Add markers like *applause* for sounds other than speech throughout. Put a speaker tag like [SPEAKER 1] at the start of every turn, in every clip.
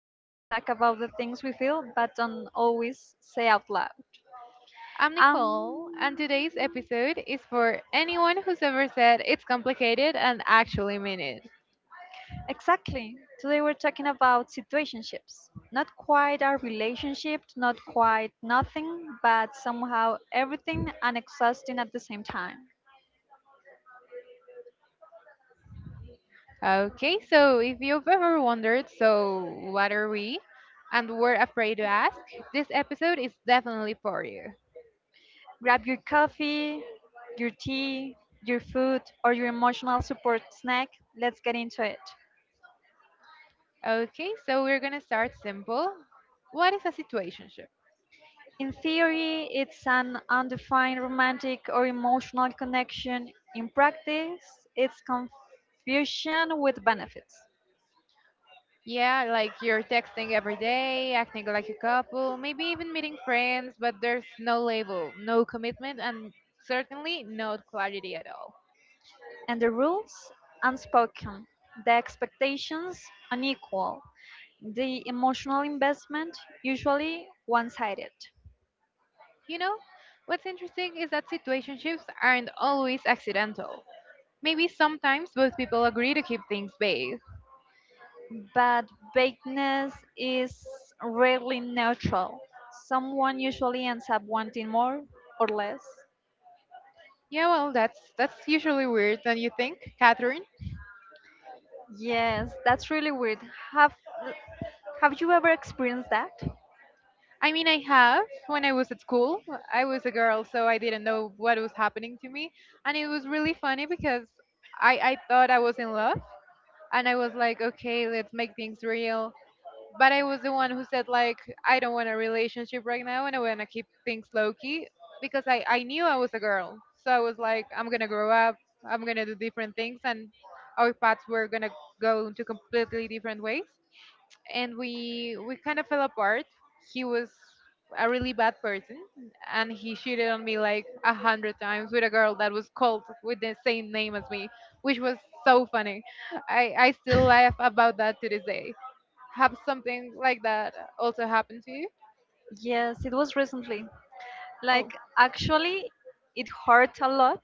[SPEAKER 1] where we talk about the things we feel but don't always say out loud.
[SPEAKER 2] I'm
[SPEAKER 1] Um,
[SPEAKER 2] Nicole, and today's episode is for anyone who's ever said it's complicated and actually mean it.
[SPEAKER 1] exactly. Today we're talking about situationships. Not quite our relationship, not quite nothing, but somehow everything and exhausting at the same time.
[SPEAKER 2] Okay, so if you've ever wondered, so what are we? And were afraid to ask, this episode is definitely for you.
[SPEAKER 1] Grab your coffee, your tea, your food, or your emotional support snack. Let's get into it.
[SPEAKER 2] Okay, so we're gonna start simple. What is a situationship?
[SPEAKER 1] In theory, it's an undefined romantic or emotional connection. In practice, it's confusion with benefits.
[SPEAKER 2] Yeah, like you're texting every day, acting like a couple, maybe even meeting friends, but there's no label, no commitment, and certainly no clarity at all.
[SPEAKER 1] And the rules? Unspoken. The expectations? Unequal. The emotional investment? Usually one sided.
[SPEAKER 2] You know, what's interesting is that situationships aren't always accidental. Maybe sometimes both people agree to keep things vague.
[SPEAKER 1] But vagueness is rarely neutral. Someone usually ends up wanting more or less.
[SPEAKER 2] Yeah, well, that's usually weird, don't you think, Catherine?
[SPEAKER 1] Yes, that's really weird. Have Have you ever experienced that?
[SPEAKER 2] I mean, I have. When I was at school, I was a girl, so I didn't know what was happening to me, and it was really funny because I thought I was in love, and I was like, okay, let's make things real. But I was the one who said, like, I don't want a relationship right now and I want to keep things low key because I knew I was a girl. So I was like, I'm going to grow up, I'm going to do different things, and our paths were going to go into completely different ways, and we kind of fell apart. He was a really bad person, and he cheated on me like a hundred times with a girl that was called with the same name as me, which was so funny. I still laugh about that to this day. Have something like that also happened to you?
[SPEAKER 1] Yes, it was recently. Like,
[SPEAKER 2] Oh.
[SPEAKER 1] actually, it hurt a lot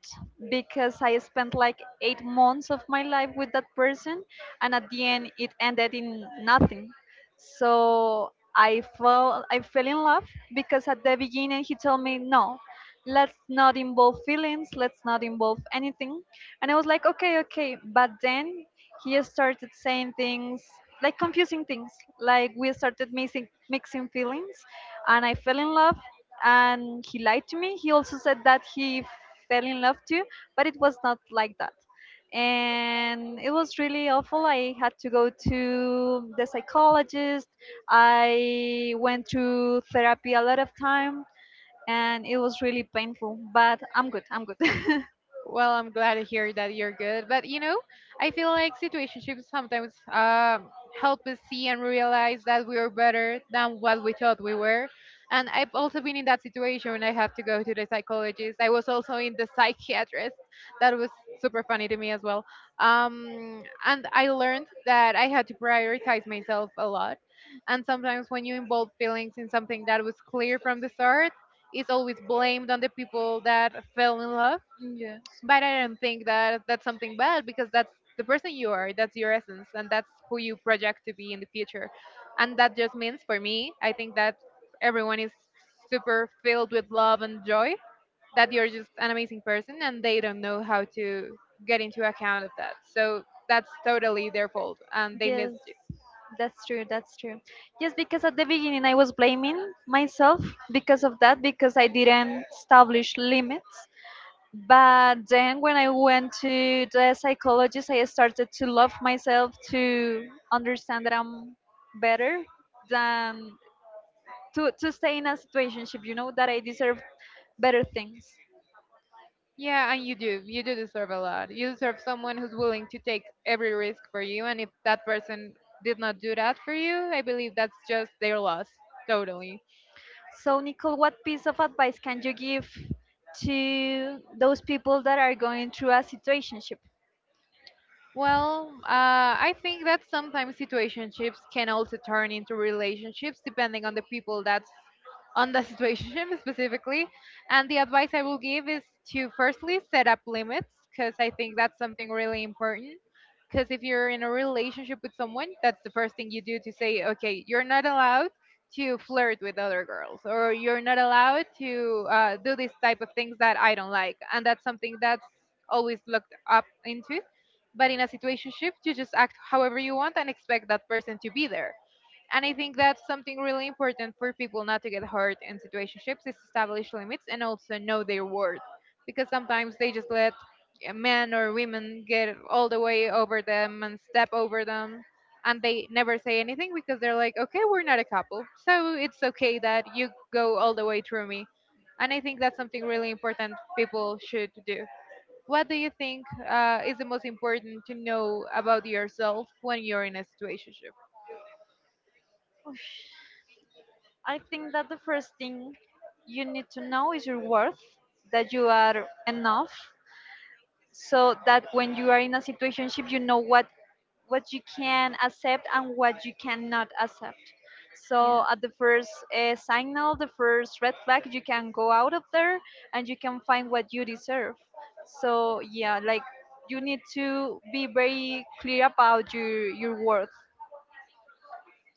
[SPEAKER 1] because I spent like 8 months of my life with that person, and at the end, it ended in nothing. So I fell in love because at the beginning he told me no, let's not involve feelings, let's not involve anything. And I was like, okay, okay. But then he started saying things, like confusing things, like we started mixing feelings, and I fell in love, and he lied to me. He also said that he fell in love too, but it was not like that, and it was really awful. I had to go to the psychologist. I went to therapy a lot of time, and it was really painful, but I'm good. I'm good.
[SPEAKER 2] Well, I'm glad to hear that you're good. But you know, I feel like situationships sometimes help us see and realize that we are better than what we thought we were. And I've also been in that situation when I have to go to the psychologist. I was also in the psychiatrist. That was super funny to me as well. And I learned that I had to prioritize myself a lot. And sometimes when you involve feelings in
[SPEAKER 1] *laughs*
[SPEAKER 2] something that was clear from the start, it's always blamed on the people that fell in love,
[SPEAKER 1] Yes.
[SPEAKER 2] but I don't think that that's something bad, because that's the person you are, that's your essence, and that's who you project to be in the future. And that just means for me, I think that everyone is super filled with love and joy, that you're just an amazing person, and they don't know how to get into account of that. So that's totally their fault, and they
[SPEAKER 1] Yes,
[SPEAKER 2] missed.
[SPEAKER 1] that's true. That's true. Yes, because at the beginning I was blaming myself because of that, because I didn't establish limits. But then when I went to the psychologist, I started to love myself, to understand that I'm better than to stay in a situationship, you know, that I deserve better things.
[SPEAKER 2] Yeah, and you do. You do deserve a lot. You deserve someone who's willing to take every risk for you. And if that person did not do that for you, I believe that's just their loss. Totally.
[SPEAKER 1] So, Nicole, what piece of advice can you give to those people that are going through a situationship?
[SPEAKER 2] Well, I think that sometimes situationships can also turn into relationships depending on the people that's on the *laughs* situationship specifically. And the advice I will give is to firstly set up limits, because I think that's something really important. Because if you're in a relationship with someone, that's the first thing you do, to say, okay, you're not allowed to flirt with other girls, or you're not allowed to do this type of things that I don't like. And that's something that's always looked up into, but in a situationship, you just act however you want and expect that person to be there. And I think that's something really important for people not to get hurt in situationships, is establish limits and also know their worth. Because sometimes they just let a men or women get all the way over them and step over them, and they never say anything because they're like, okay, we're not a couple, so it's okay that you go all the way through me. And I think that's something really important people should do. What do you think is the most important to know about yourself when you're in a situationship?
[SPEAKER 1] Oosh. I think that the first thing you need to know is your worth, that you are enough, so that when you are in a situationship you know what you can accept and what you cannot accept, so
[SPEAKER 2] Yeah.
[SPEAKER 1] at the first signal, the first red flag, you can go out of there and you can find what you deserve. So yeah, like, you need to be very clear about your worth.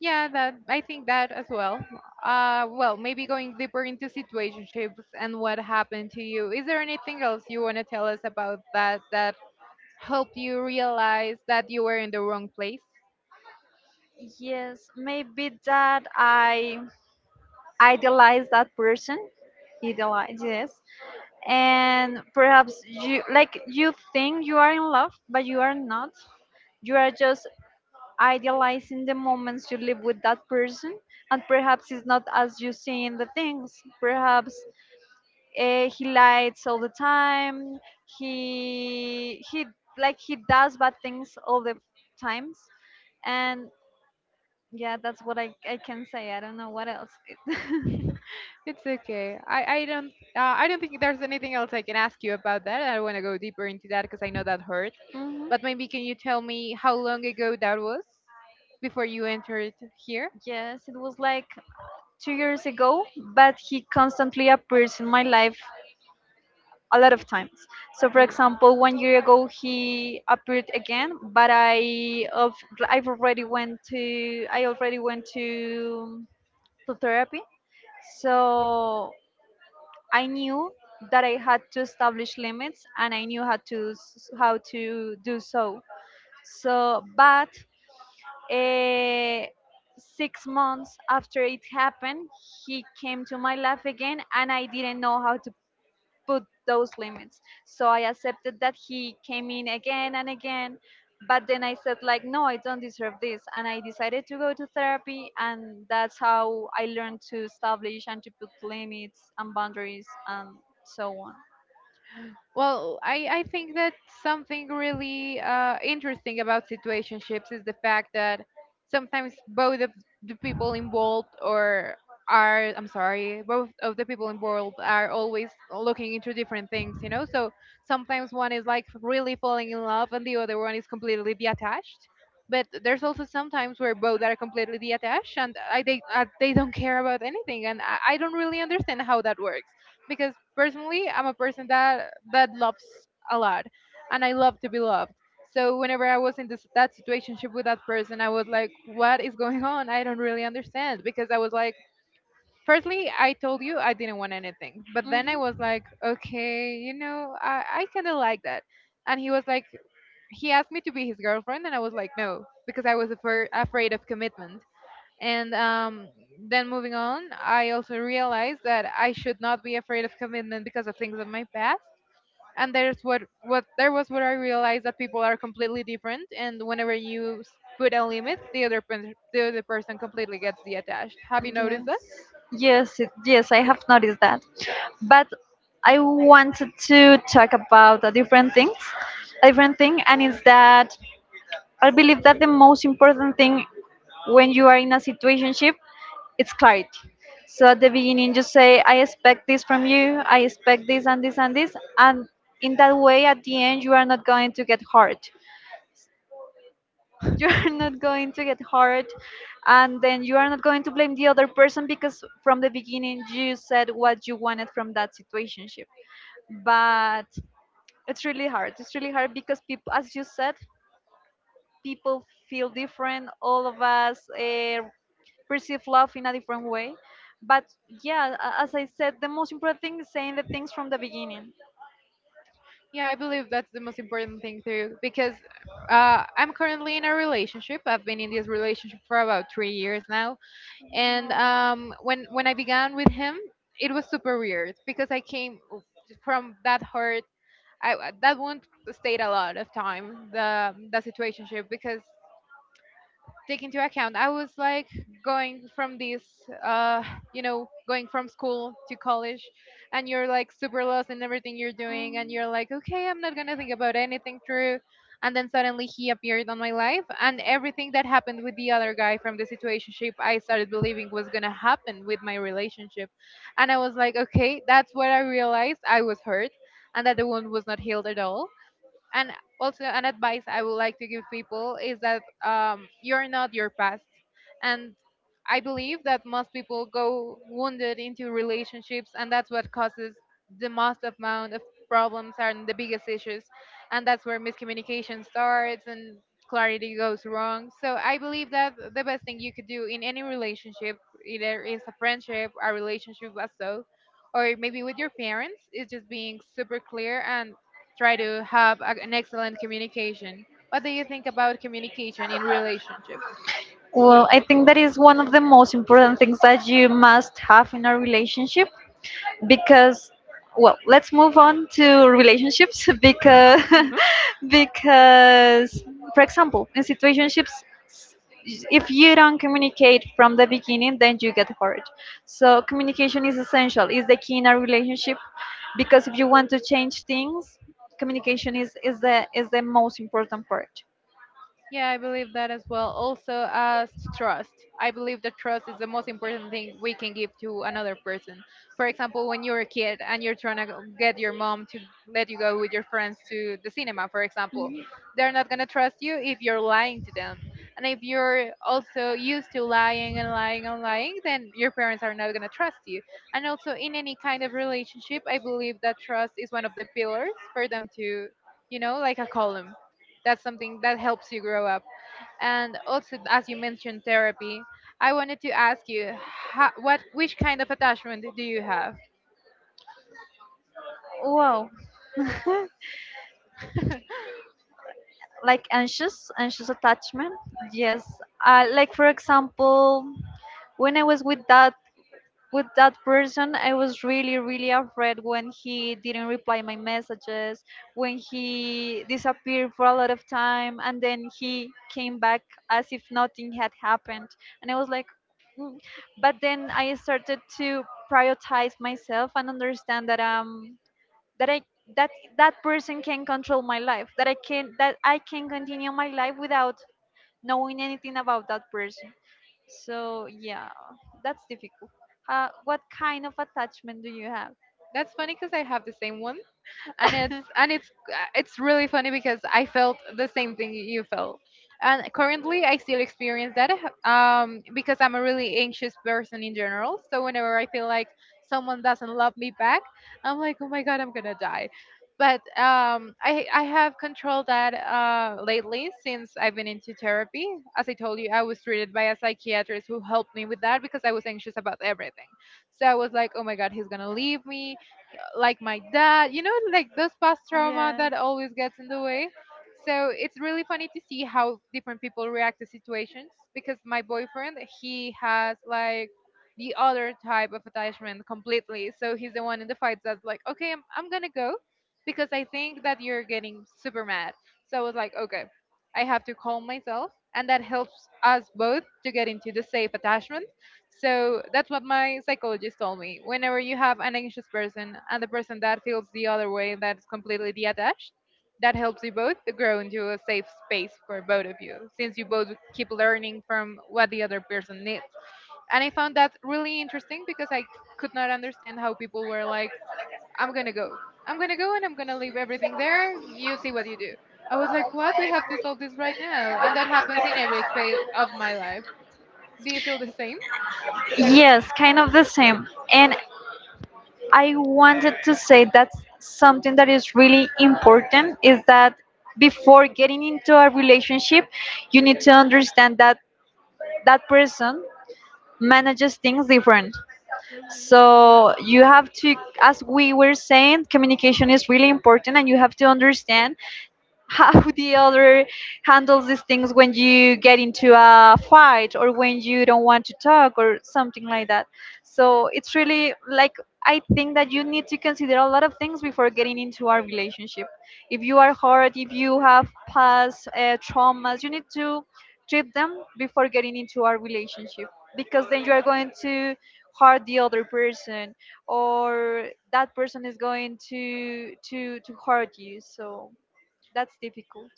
[SPEAKER 2] Yeah, that I think that as well. Well, maybe going deeper into situationships and what happened to you. Is there anything else you want to tell us about that helped you realize that you were in the wrong place?
[SPEAKER 1] Yes, maybe that I idealize that person. Idealize, yes. And perhaps you, like, you think you are in love but you are not, you are just idealizing the moments you live with that person, and perhaps it's not as you see in the things. Perhaps he lies all the time. He like he does bad things all the times. And yeah, that's what I can say. I don't know what else. *laughs*
[SPEAKER 2] It's okay. I don't I don't think there's anything else I can ask you about that. I want to go deeper into that because I know that hurt.
[SPEAKER 1] Mhm.
[SPEAKER 2] But maybe can you tell me how long ago that was before you entered here?
[SPEAKER 1] Yes, it was like 2 years ago, but he constantly appears in my life a lot of times. So, for
[SPEAKER 2] 那个.
[SPEAKER 1] example, one year ago he appeared again, but I've already went to I already went to therapy. So I knew that I had to establish limits and I knew how to do so. So, but uh, 6 months after it happened, he came to my life again, and I didn't know how to put those limits. So I accepted that he came in again and again. But then I said, like, no, I don't deserve this. And I decided to go to therapy. And that's how I learned to establish and to put limits and boundaries and so on.
[SPEAKER 2] Well, I think that something really interesting about situationships is the fact that sometimes both of the people involved or are, I'm sorry, both of the people involved are always looking into different things, you know. So sometimes one is like really falling in love and the other one is completely detached. But there's also sometimes where both are completely detached, and I, they don't care about anything, and I don't really understand how that works, because personally I'm a person that loves a lot, and I love to be loved. So whenever I was in this that situationship with that person, I was like, what is going *laughs* on? I don't really understand, because I was like, firstly, I told you I didn't want anything, but then I was like, okay, you know, I kind of like that. And he was like, he asked me to be his girlfriend, and I was like, no, because I was afraid of commitment. And then moving on, I also realized that I should not be afraid of commitment because of things of my past. And there's what there was what I realized, that people are completely different, and whenever you put a limit, the other person completely gets detached. Have you
[SPEAKER 1] Yes.
[SPEAKER 2] noticed that?
[SPEAKER 1] Yes, I have noticed that. But I wanted to talk about, a different thing, and it's that I believe that the most important thing when you are in a situationship, it's clarity. So at the beginning, just say, I expect this from you, I expect this and this and this. And in that way, at the end, you are not going to get hurt. *laughs* You are not going to get hurt. And then you are not going to blame the other person because from the beginning, you said what you wanted from that situationship. But it's really hard. It's really hard because people, as you said, people feel different. All of us perceive love in a different way. But yeah, as I said, the most important thing is saying the things from the beginning.
[SPEAKER 2] Yeah, I believe that's the most important thing too, because I'm currently in a relationship. I've been in this relationship for about 3 years now, and
[SPEAKER 1] No.
[SPEAKER 2] when I began with him, it was super weird because I came from that hurt. I, that wound stayed a lot of time, the situationship, because take into account I was like going from this you know, going from school to college, and you're like super lost in everything you're doing, and you're like, okay, I'm not gonna think about anything through. And then suddenly he appeared on my life, and everything that happened with the other guy from the situationship I started believing was gonna happen with my relationship. And I was like, okay, that's what I realized, I was hurt, and that the wound was not healed at all. And also, an advice I would like to give people is that you're not your past. And I believe that most people go wounded into relationships, and that's what causes the most amount of problems and the biggest issues, and that's where miscommunication starts and clarity goes wrong. So I believe that the best thing you could do in any relationship, either is a friendship, a relationship as so, or maybe with your parents, is just being super clear and try to have an excellent communication. What do you think about communication in relationships?
[SPEAKER 1] Well, I think that is one of the most important things that you must have in a relationship, because, well, let's move on to relationships *laughs* because *laughs* because for example in situationships, if you don't communicate from the beginning, then you get hurt. So communication is essential, is the key in a relationship, because if you want to change things, communication is the most important part.
[SPEAKER 2] Yeah, I believe that as well. Also, as trust, I believe that trust is the most important thing we can give to another person. For example, when you're a kid and you're trying to get your mom to let you go with your friends to the cinema, for example, they're not going to trust you if you're lying to them. And if you're also used to lying and lying and lying, then your parents are not going to trust you. And also, in any kind of relationship, I believe that trust is one of the pillars for them to, you know, like a column, that's something that helps you grow up. And also, as you mentioned therapy, I wanted to ask you how, what, which kind of attachment do you have?
[SPEAKER 1] Wow,
[SPEAKER 2] *laughs*
[SPEAKER 1] like anxious attachment. Yes, like for example, when I was with that person, I was really really afraid when he didn't reply my messages, when he disappeared for a lot of time, and then he came back as if nothing had happened, and I was like, "Mm." But then I started to prioritize myself and understand that that I that that person can control my life, that I can continue my life without knowing anything about that person. So yeah, that's difficult. What kind of attachment do you have?
[SPEAKER 2] That's funny, because I have the same one, and it's it's really funny because I felt the same thing you felt. And currently, I still experience that, because I'm a really anxious person in general. So whenever I feel like someone doesn't love me back, I'm like, oh my god, I'm gonna die. But I have controlled that lately, since I've been into
[SPEAKER 1] *laughs*
[SPEAKER 2] therapy. As I told you, I was treated by a psychiatrist who helped me with that because I was anxious about everything. So I was like, oh my God, he's going to leave me like my dad, you know, like those past trauma
[SPEAKER 1] Yeah.
[SPEAKER 2] that always gets in the way. So it's really funny to see how different people react to situations, because my boyfriend, he has like the other type of attachment completely. So he's the one in the fights that's like, okay, I'm gonna go because I think that you're getting super mad. So I was like, okay, I have to calm myself. And that helps us both to get into the safe attachment. So that's what my psychologist told me. Whenever you have an anxious person and the person that feels the other way, that's completely detached, that helps you both to grow into a safe space for both of you, since you both keep learning from what the other person needs. And I found that really interesting because I could not understand how people were like, I'm gonna go. I'm gonna go and I'm gonna leave everything there. You see what you do. I was like, what? We have to solve this right now. And that happens in every aspect of my life. Do you feel the same?
[SPEAKER 1] Yes, kind of the same. And I wanted to say that's something that is really important is that before getting into a relationship, you need to understand that that person manages things different. So you have to, as we were saying, communication is really important, and you have to understand how *laughs* the other handles these things when you get into a fight or when you don't want to talk or something like that. So it's really like, I think that you need to consider a lot of things before getting into a relationship. If you are hurt, if you have past traumas, you need to treat them before getting into a relationship, because then you are going to hurt the other person or that person is going to hurt you, so that's difficult.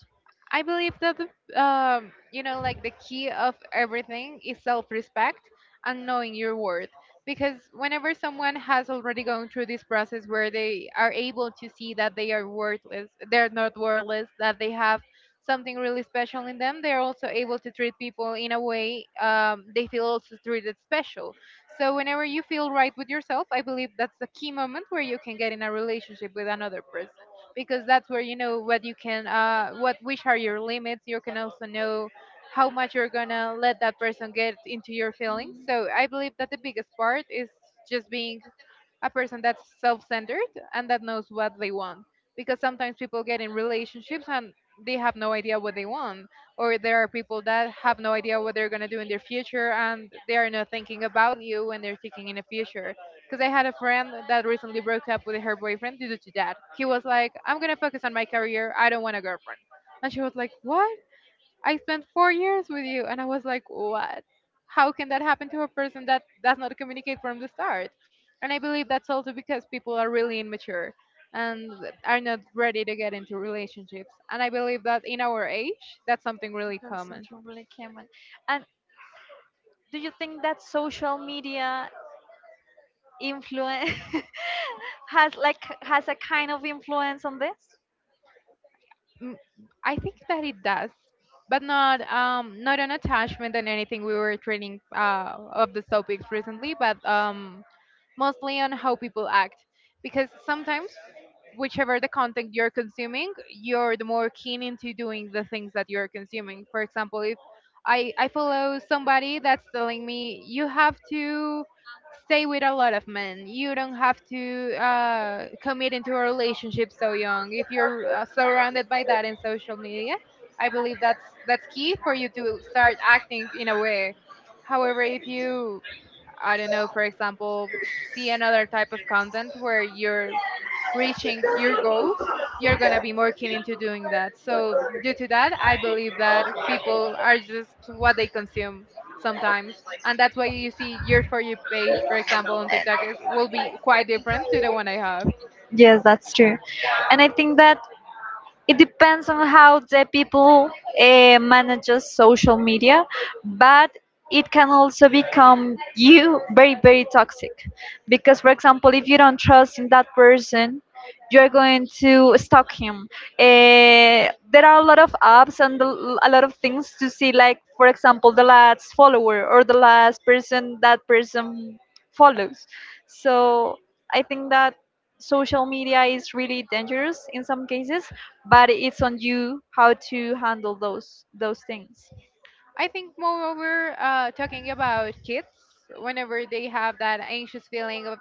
[SPEAKER 2] I believe that like the key of everything is self-respect and knowing your worth. Because whenever someone has already gone through this process where they are able to see that they are worthless, they're not worthless, that they have something really special in them, they're also able to treat people in a way they feel also treated special. So whenever you feel right with yourself, I believe that's the key moment where you can get in a relationship with another person, because that's where you know what you can what which are your limits. You can also know how much you're gonna let that person get into your feelings, so I believe that the biggest part is just being a person that's self-centered and that knows what they want, because sometimes people get in relationships and they have no idea what they want, or there are people that have no idea what they're going to do in their future and they are not thinking about you when they're thinking in the future. Because I had a friend that recently broke up with her boyfriend due to that. He was like, I'm going to focus on my career, I don't want a girlfriend. And she was like, what? I spent 4 years with you. And I was like, what? How can that happen to a person that does not communicate from the start? And I believe that's also because people are really immature and are not ready to get into relationships. And I believe that in our age, that's something really
[SPEAKER 1] That's
[SPEAKER 2] common.
[SPEAKER 1] not really common. And do you think that social media influence *laughs* has like has a kind of influence on this?
[SPEAKER 2] Mm, I think that it does, but not an attachment and anything. We were treating of the topics recently, but mostly on how people act. Because sometimes, whichever the content you're consuming, you're the more keen into doing the things that you're consuming. For example, if I follow somebody that's telling me, you have to stay with a lot of men. You don't have to commit into a relationship so young. If you're surrounded by that in social media, I believe that's key for you to start acting in a way. However, if you, I don't know, for example, see another type of content where you're reaching your goals, you're going to be more keen into doing that. So, due to that, I believe that people are just what they consume sometimes. And that's why you see your For You page, for example, on TikTok, will be quite different to the one I have.
[SPEAKER 1] Yes, that's true. And I think that it depends on how the people manages social media, but it can also become you very very toxic, because for example if you don't trust in that person, you're going to stalk him. There are a lot of apps and a lot of things to see, like for example the last follower or the last person that person follows. So I think that social media is really dangerous in some cases, but it's on you how to handle those things.
[SPEAKER 2] I think, moreover, talking about kids, whenever they have that anxious feeling of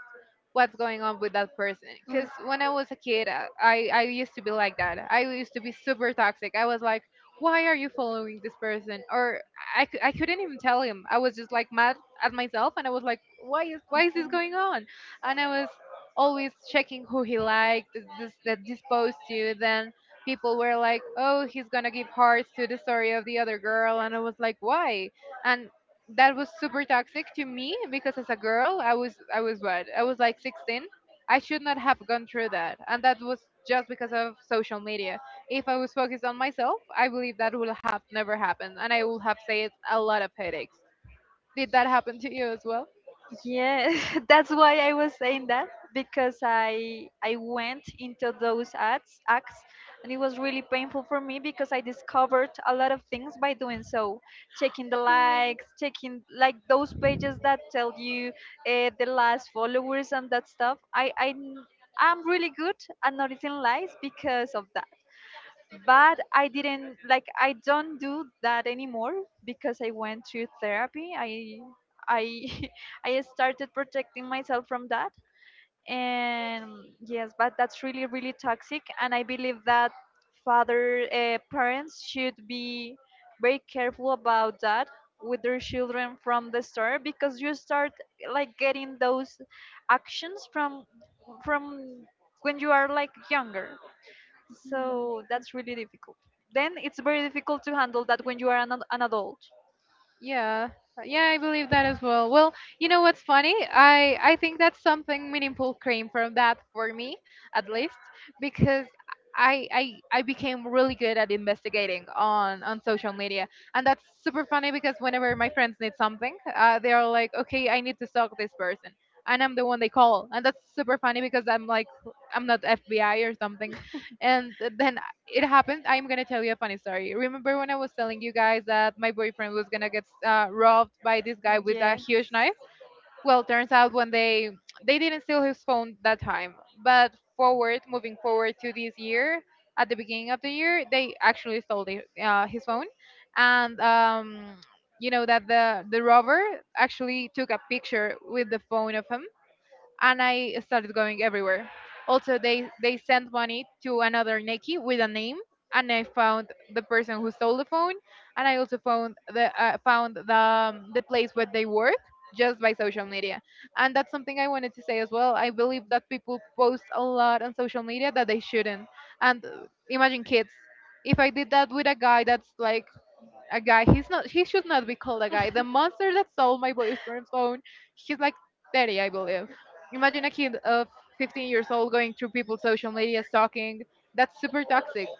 [SPEAKER 2] what's going on with that person. Because when I was a kid, I used to be like that. I used to be super toxic. I was like, why are you following this person? Or I, cou-
[SPEAKER 1] Mm.
[SPEAKER 2] I couldn't even tell him. I was just like mad at myself and I was like, why is this going on? And I was always checking who he liked, this, that this post to, then people were like, "Oh, he's gonna give hearts to the story of the other girl," and I was like, "Why?" And that was super toxic to me because as a girl, I was like 16. I should not have gone through that, and that was just because of social media. If I was focused on myself, I believe that would have never happened, and I would have saved a lot of headaches. Did that happen to you as well?
[SPEAKER 1] Yeah, *laughs* that's why I was saying that, because I went into those ads acts, and it was really painful for me because I discovered a lot of things by doing so, checking the likes, checking like those pages that tell you the last followers and that stuff. I'm really good at noticing lies because of that, but I didn't like I don't do that anymore because I went through therapy. I *laughs* I started protecting myself from that. And yes, but that's really really toxic, and I believe that father parents should be very careful about that with their children from the start, because you start like getting those actions from when you are like younger, so that's really difficult. Then it's very difficult to handle that when you are an adult.
[SPEAKER 2] Yeah. Yeah, I believe that as well. Well, you know what's funny? I think that something meaningful came from that for me, at least, because I I I became really good at investigating on social media, and that's super funny because whenever my friends need something, they are like, okay, I need to stalk this person, and I'm the one they call. And that's super funny because I'm like, I'm not FBI or something.
[SPEAKER 1] *laughs*
[SPEAKER 2] And then it happened. I'm gonna tell you a funny story. Remember when I was telling you guys that my boyfriend was gonna get robbed by this guy with a
[SPEAKER 1] Yeah.
[SPEAKER 2] huge knife? Well, turns out when they didn't steal his phone that time, but moving forward to this year, at the beginning of the year, they actually stole his phone, and you know that the robber actually took a picture with the phone of him, and I started going everywhere. Also, they sent money to another Nikki with a name, and I found the person who stole the phone, and I also found the place where they work, just by social media. And that's something I wanted to say as well. I believe that people post a lot on social media that they shouldn't. And imagine kids. If I did that with a guy that's like a guy. He's not. He should not be called a guy. The monster that stole my boyfriend's phone. He's like 30, I believe. Imagine a kid of 15 years old going through people's social media stalking. That's super toxic.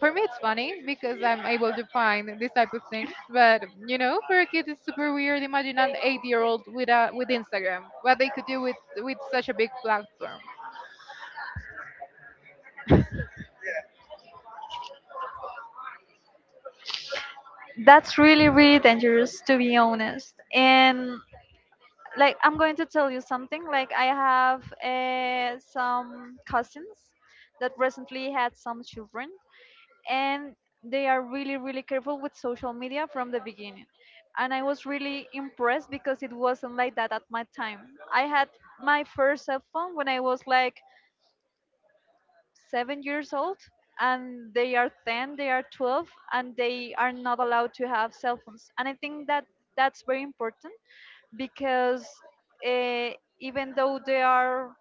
[SPEAKER 2] For me, it's funny because I'm able to find these type of things. But you know, for a kid, it's super weird. Imagine an 8-year-old with a with Instagram. What they could do with such a big platform.
[SPEAKER 1] That's really, really dangerous, to be honest. And like, I'm going to tell you something. Like, I have some cousins that recently had some children, and they are really really careful with social media from the beginning. And I was really impressed, because it wasn't like that at my time. I had my first cell phone when I was like 7 years old, and they are 10, they are 12, and they are not allowed to have cell phones. And I think that that's very important, because uh, even though they are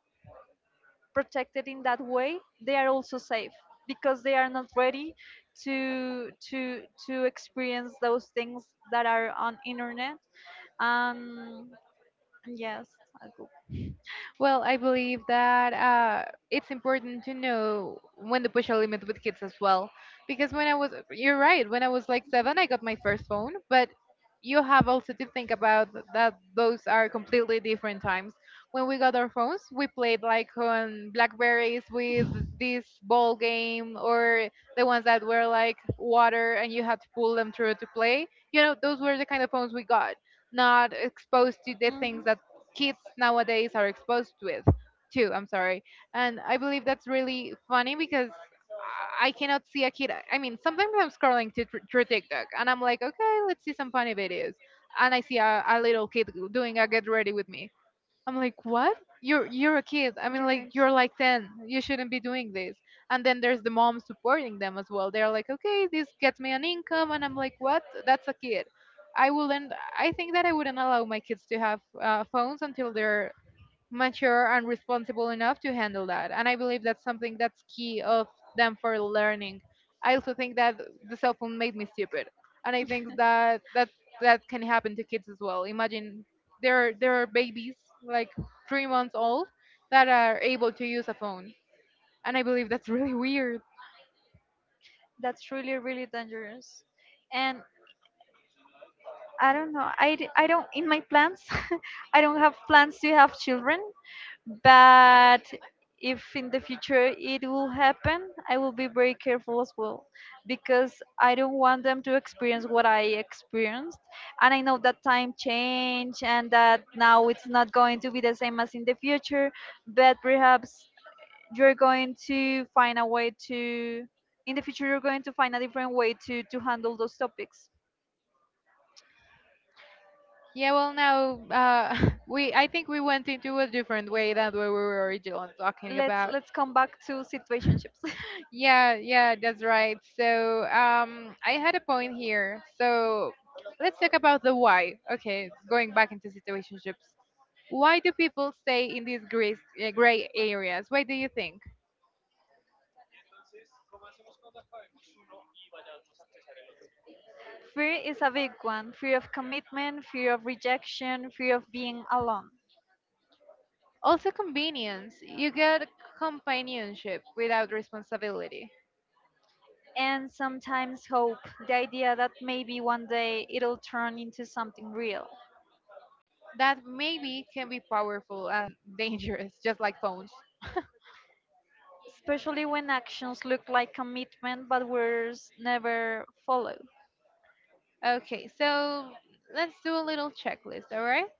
[SPEAKER 1] protected in that way, they are also safe, because they are not ready to experience those things that are on internet. Um, yes, I go-
[SPEAKER 2] Well, I believe that it's important to know when to push a limit with kids as well. Because when I was, you're right, when I was like seven, I got my first phone, but you have also to think about that those are completely different times. When we got our phones, we played like on Blackberries with
[SPEAKER 1] *laughs*
[SPEAKER 2] this ball game or the ones that were like water and you had to pull them through to play. You know, those were the kind of phones we got, not exposed to the things
[SPEAKER 1] Mhm.
[SPEAKER 2] that kids nowadays are exposed with too. I'm sorry. And I believe that's really funny because I cannot see a kid. I mean, sometimes I'm scrolling through TikTok and I'm like, okay, let's see some funny videos. And I see a little kid doing a get ready with me. I'm like, what? You're a kid. I mean,
[SPEAKER 1] You're
[SPEAKER 2] like
[SPEAKER 1] okay.
[SPEAKER 2] you're like 10. You shouldn't be doing this. And then there's the mom supporting them as well. They're like, okay, this gets me an income, and I'm like, what? That's a kid. I wouldn't. I think that I wouldn't allow my kids to have phones until they're mature and
[SPEAKER 1] *laughs*
[SPEAKER 2] responsible enough to handle that. And I believe that's something that's key of them for learning. I also think that the cell phone made me stupid, and I think that that can happen to kids as well. Imagine there are babies like 3 months old that are able to use a phone, and I believe that's *laughs* really weird.
[SPEAKER 1] That's really, really dangerous. And I don't know. I don't, in my plans, *laughs* I don't have plans to have children. But if in the future it will happen, I will be very careful as well, because I don't want them to experience what I experienced. And I know that time change and that now it's not going to be the same as in the future. But perhaps you're going to find a way to, in the future, you're going to find a different way to handle those topics.
[SPEAKER 2] Yeah, well, now *laughs* we I think we went into a different way than what we were originally talking about.
[SPEAKER 1] Let's come back to situationships. *laughs*
[SPEAKER 2] Yeah, yeah, that's right. So I had a point here. So let's talk about the why. Okay, going back into situationships. Why do people stay in these gray areas? Why do you think?
[SPEAKER 1] Fear is a big one. Fear of commitment, fear of rejection, fear of being alone.
[SPEAKER 2] Also, convenience. You get companionship without responsibility.
[SPEAKER 1] And sometimes hope, the idea that maybe one day it'll turn into something real.
[SPEAKER 2] That maybe can be powerful and *laughs* dangerous, just like phones.
[SPEAKER 1] Especially when actions look like commitment but words never follow.
[SPEAKER 2] Okay, so let's do a little checklist, all right?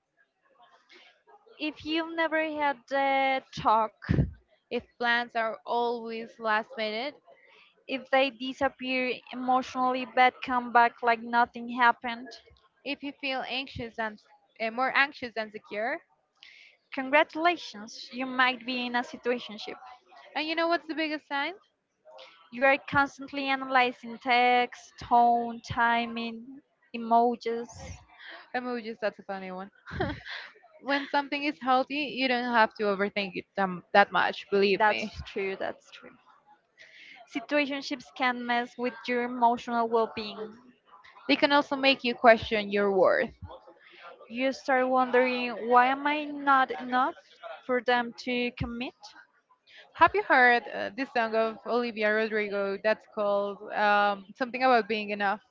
[SPEAKER 1] If you've never had the talk,
[SPEAKER 2] If plans are always last minute,
[SPEAKER 1] if they disappear emotionally but come back like nothing happened,
[SPEAKER 2] if you feel anxious and more anxious than secure.
[SPEAKER 1] congratulations, you might be in a situationship.
[SPEAKER 2] And you know what's the biggest sign?
[SPEAKER 1] You are constantly analyzing text, tone, timing, emojis.
[SPEAKER 2] Emojis, that's a funny one. *laughs* When something is healthy, you don't have to overthink it that much, believe me.
[SPEAKER 1] That's true, that's true. Situationships can mess with your emotional well being.
[SPEAKER 2] They can also make you question your worth.
[SPEAKER 1] You start wondering, why am I not enough for them to commit?
[SPEAKER 2] Have you heard this song of Olivia Rodrigo that's called Something About Being Enough?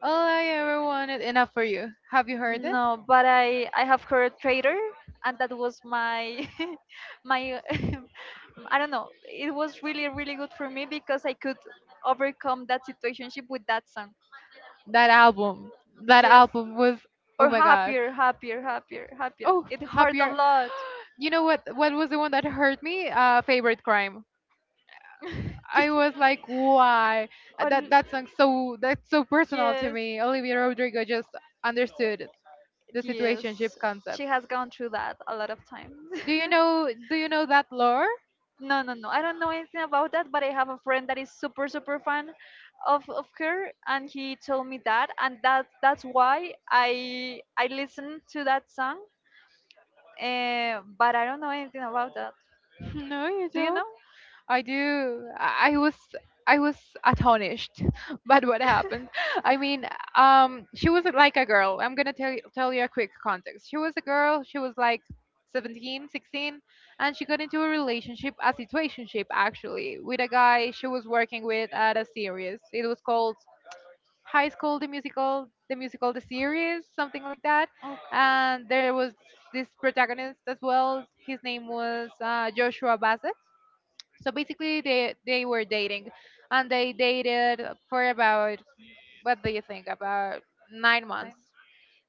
[SPEAKER 2] All I ever wanted, enough for you. Have you heard it?
[SPEAKER 1] No, but I have heard traitor, and that was my *laughs* my *laughs* I don't know. It was really really good for me because I could overcome that situationship with that song.
[SPEAKER 2] That album, that
[SPEAKER 1] Yes.
[SPEAKER 2] album was, oh
[SPEAKER 1] Or
[SPEAKER 2] my God.
[SPEAKER 1] happier, happier, happier, happier.
[SPEAKER 2] Oh,
[SPEAKER 1] It hurt a
[SPEAKER 2] happier.
[SPEAKER 1] lot.
[SPEAKER 2] You know what? What was the one that hurt me? Favorite crime. I
[SPEAKER 1] *laughs*
[SPEAKER 2] was like, why? Uh, That
[SPEAKER 1] Al-
[SPEAKER 2] that song. So that's so personal to
[SPEAKER 1] yes,
[SPEAKER 2] me. Olivia Rodrigo just understood the
[SPEAKER 1] yes.
[SPEAKER 2] situationship concept.
[SPEAKER 1] She has gone through that a lot of times.
[SPEAKER 2] Do you know? Do you know that lore?
[SPEAKER 1] *laughs* No, no, no. I don't know anything about that, but I have a friend that is super, super fan of her, and he told me that, and that's why I listened to that song. But I don't know anything about that.
[SPEAKER 2] *laughs* No, you
[SPEAKER 1] Do you
[SPEAKER 2] don't.
[SPEAKER 1] know?
[SPEAKER 2] I do. I was astonished *laughs* but what happened. I mean, she was like a girl. I'm gonna tell you a quick context. She was a girl. She was like 17, 16, and she got into a relationship, a situationship actually, with a guy she was working with at a series. It was called High School the Musical, the musical, the series, something like that.
[SPEAKER 1] Okay.
[SPEAKER 2] And there was this protagonist as well. His name was Joshua Bassett. So basically, they were dating, and they dated for about, what do you think, about 9 months.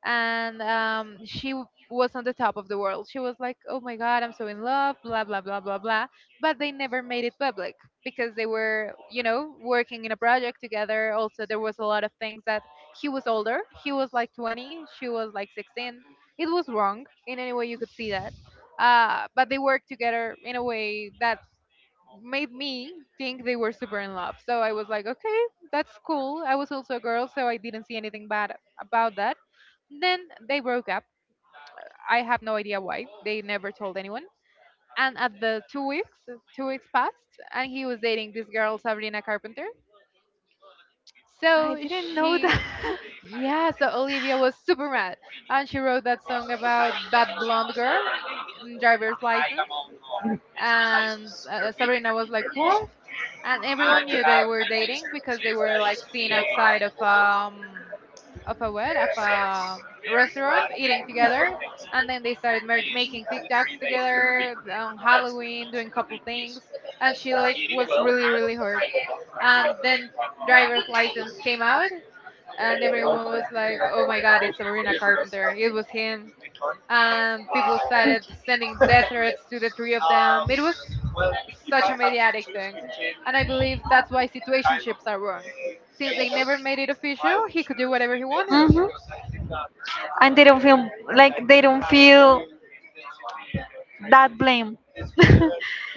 [SPEAKER 2] And was on the top of the world. She was like, "Oh my God, I'm so in love," blah blah blah blah blah. But they never made it public because they were, you know, working in a project together. Also, there was a lot of things that he was older. He was like 20. She was like 16. It was wrong in any way you could see that, but they worked together in a way that made me think they were super in love. So I was like, okay, that's cool. I was also a girl, so I didn't see anything bad about that. Then they broke up. I have no idea why. They never told anyone. And at the 2 weeks passed, and he was dating this girl, Sabrina Carpenter.
[SPEAKER 1] I
[SPEAKER 2] So
[SPEAKER 1] didn't know that.
[SPEAKER 2] yeah, so Olivia was super mad. And she wrote that song about that blonde girl in driver's license. And Sabrina was like, "What?" And everyone knew they were dating because they were like seen outside of a what of a restaurant eating together, and then they started making TikToks together on Halloween, doing couple things, and she like was really really hurt. And then driver's license came out, and everyone was like, "Oh my God, it's Sabrina Carpenter! It was him." People started sending death threats to the three of them. It was such a mediatic thing, and I believe that's why situationships are wrong. Since they never made it official, he
[SPEAKER 1] *laughs*
[SPEAKER 2] could do whatever he wanted.
[SPEAKER 1] Hmm. And they don't feel like they don't feel that blame.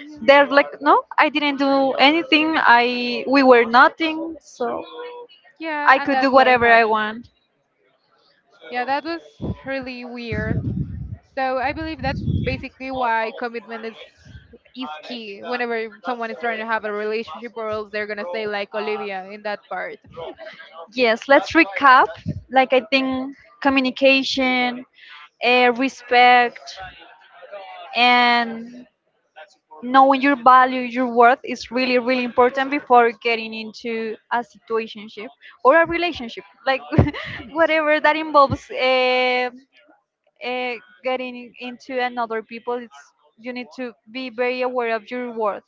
[SPEAKER 2] Yeah.
[SPEAKER 1] They're like, no, I didn't do anything. I, we were nothing, so I
[SPEAKER 2] Yeah, and
[SPEAKER 1] could do
[SPEAKER 2] that's why it
[SPEAKER 1] whatever I
[SPEAKER 2] happened.
[SPEAKER 1] want.
[SPEAKER 2] Yeah, that was really weird. So I believe that's basically why commitment is key whenever someone is trying to have a relationship or else they're gonna stay like Olivia in that part.
[SPEAKER 1] Yes, let's recap. Like, I think communication, respect, and knowing your value, your worth is really, really important before getting into a situationship or a relationship, like *laughs* whatever that involves uh, getting into another people. It's, you need to be very aware of your worth.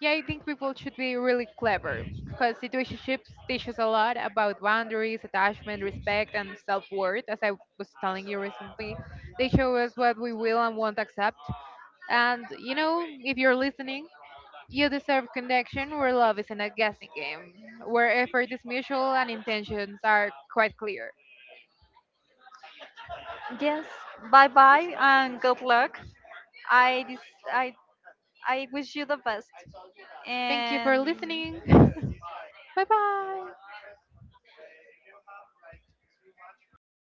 [SPEAKER 2] Yeah, I think people should be really clever because situationships teach us a lot about boundaries, attachment, respect, and self-worth. As I was telling you recently, they show us what we will and won't accept. And you know, if you're listening, you deserve connection where love isn't a guessing game, where effort is mutual and intentions are quite clear.
[SPEAKER 1] Yes, bye bye and good luck. I dis- I I wish you the best.
[SPEAKER 2] Thank you for
[SPEAKER 1] And
[SPEAKER 2] listening. *laughs*
[SPEAKER 1] yes.
[SPEAKER 2] Bye bye.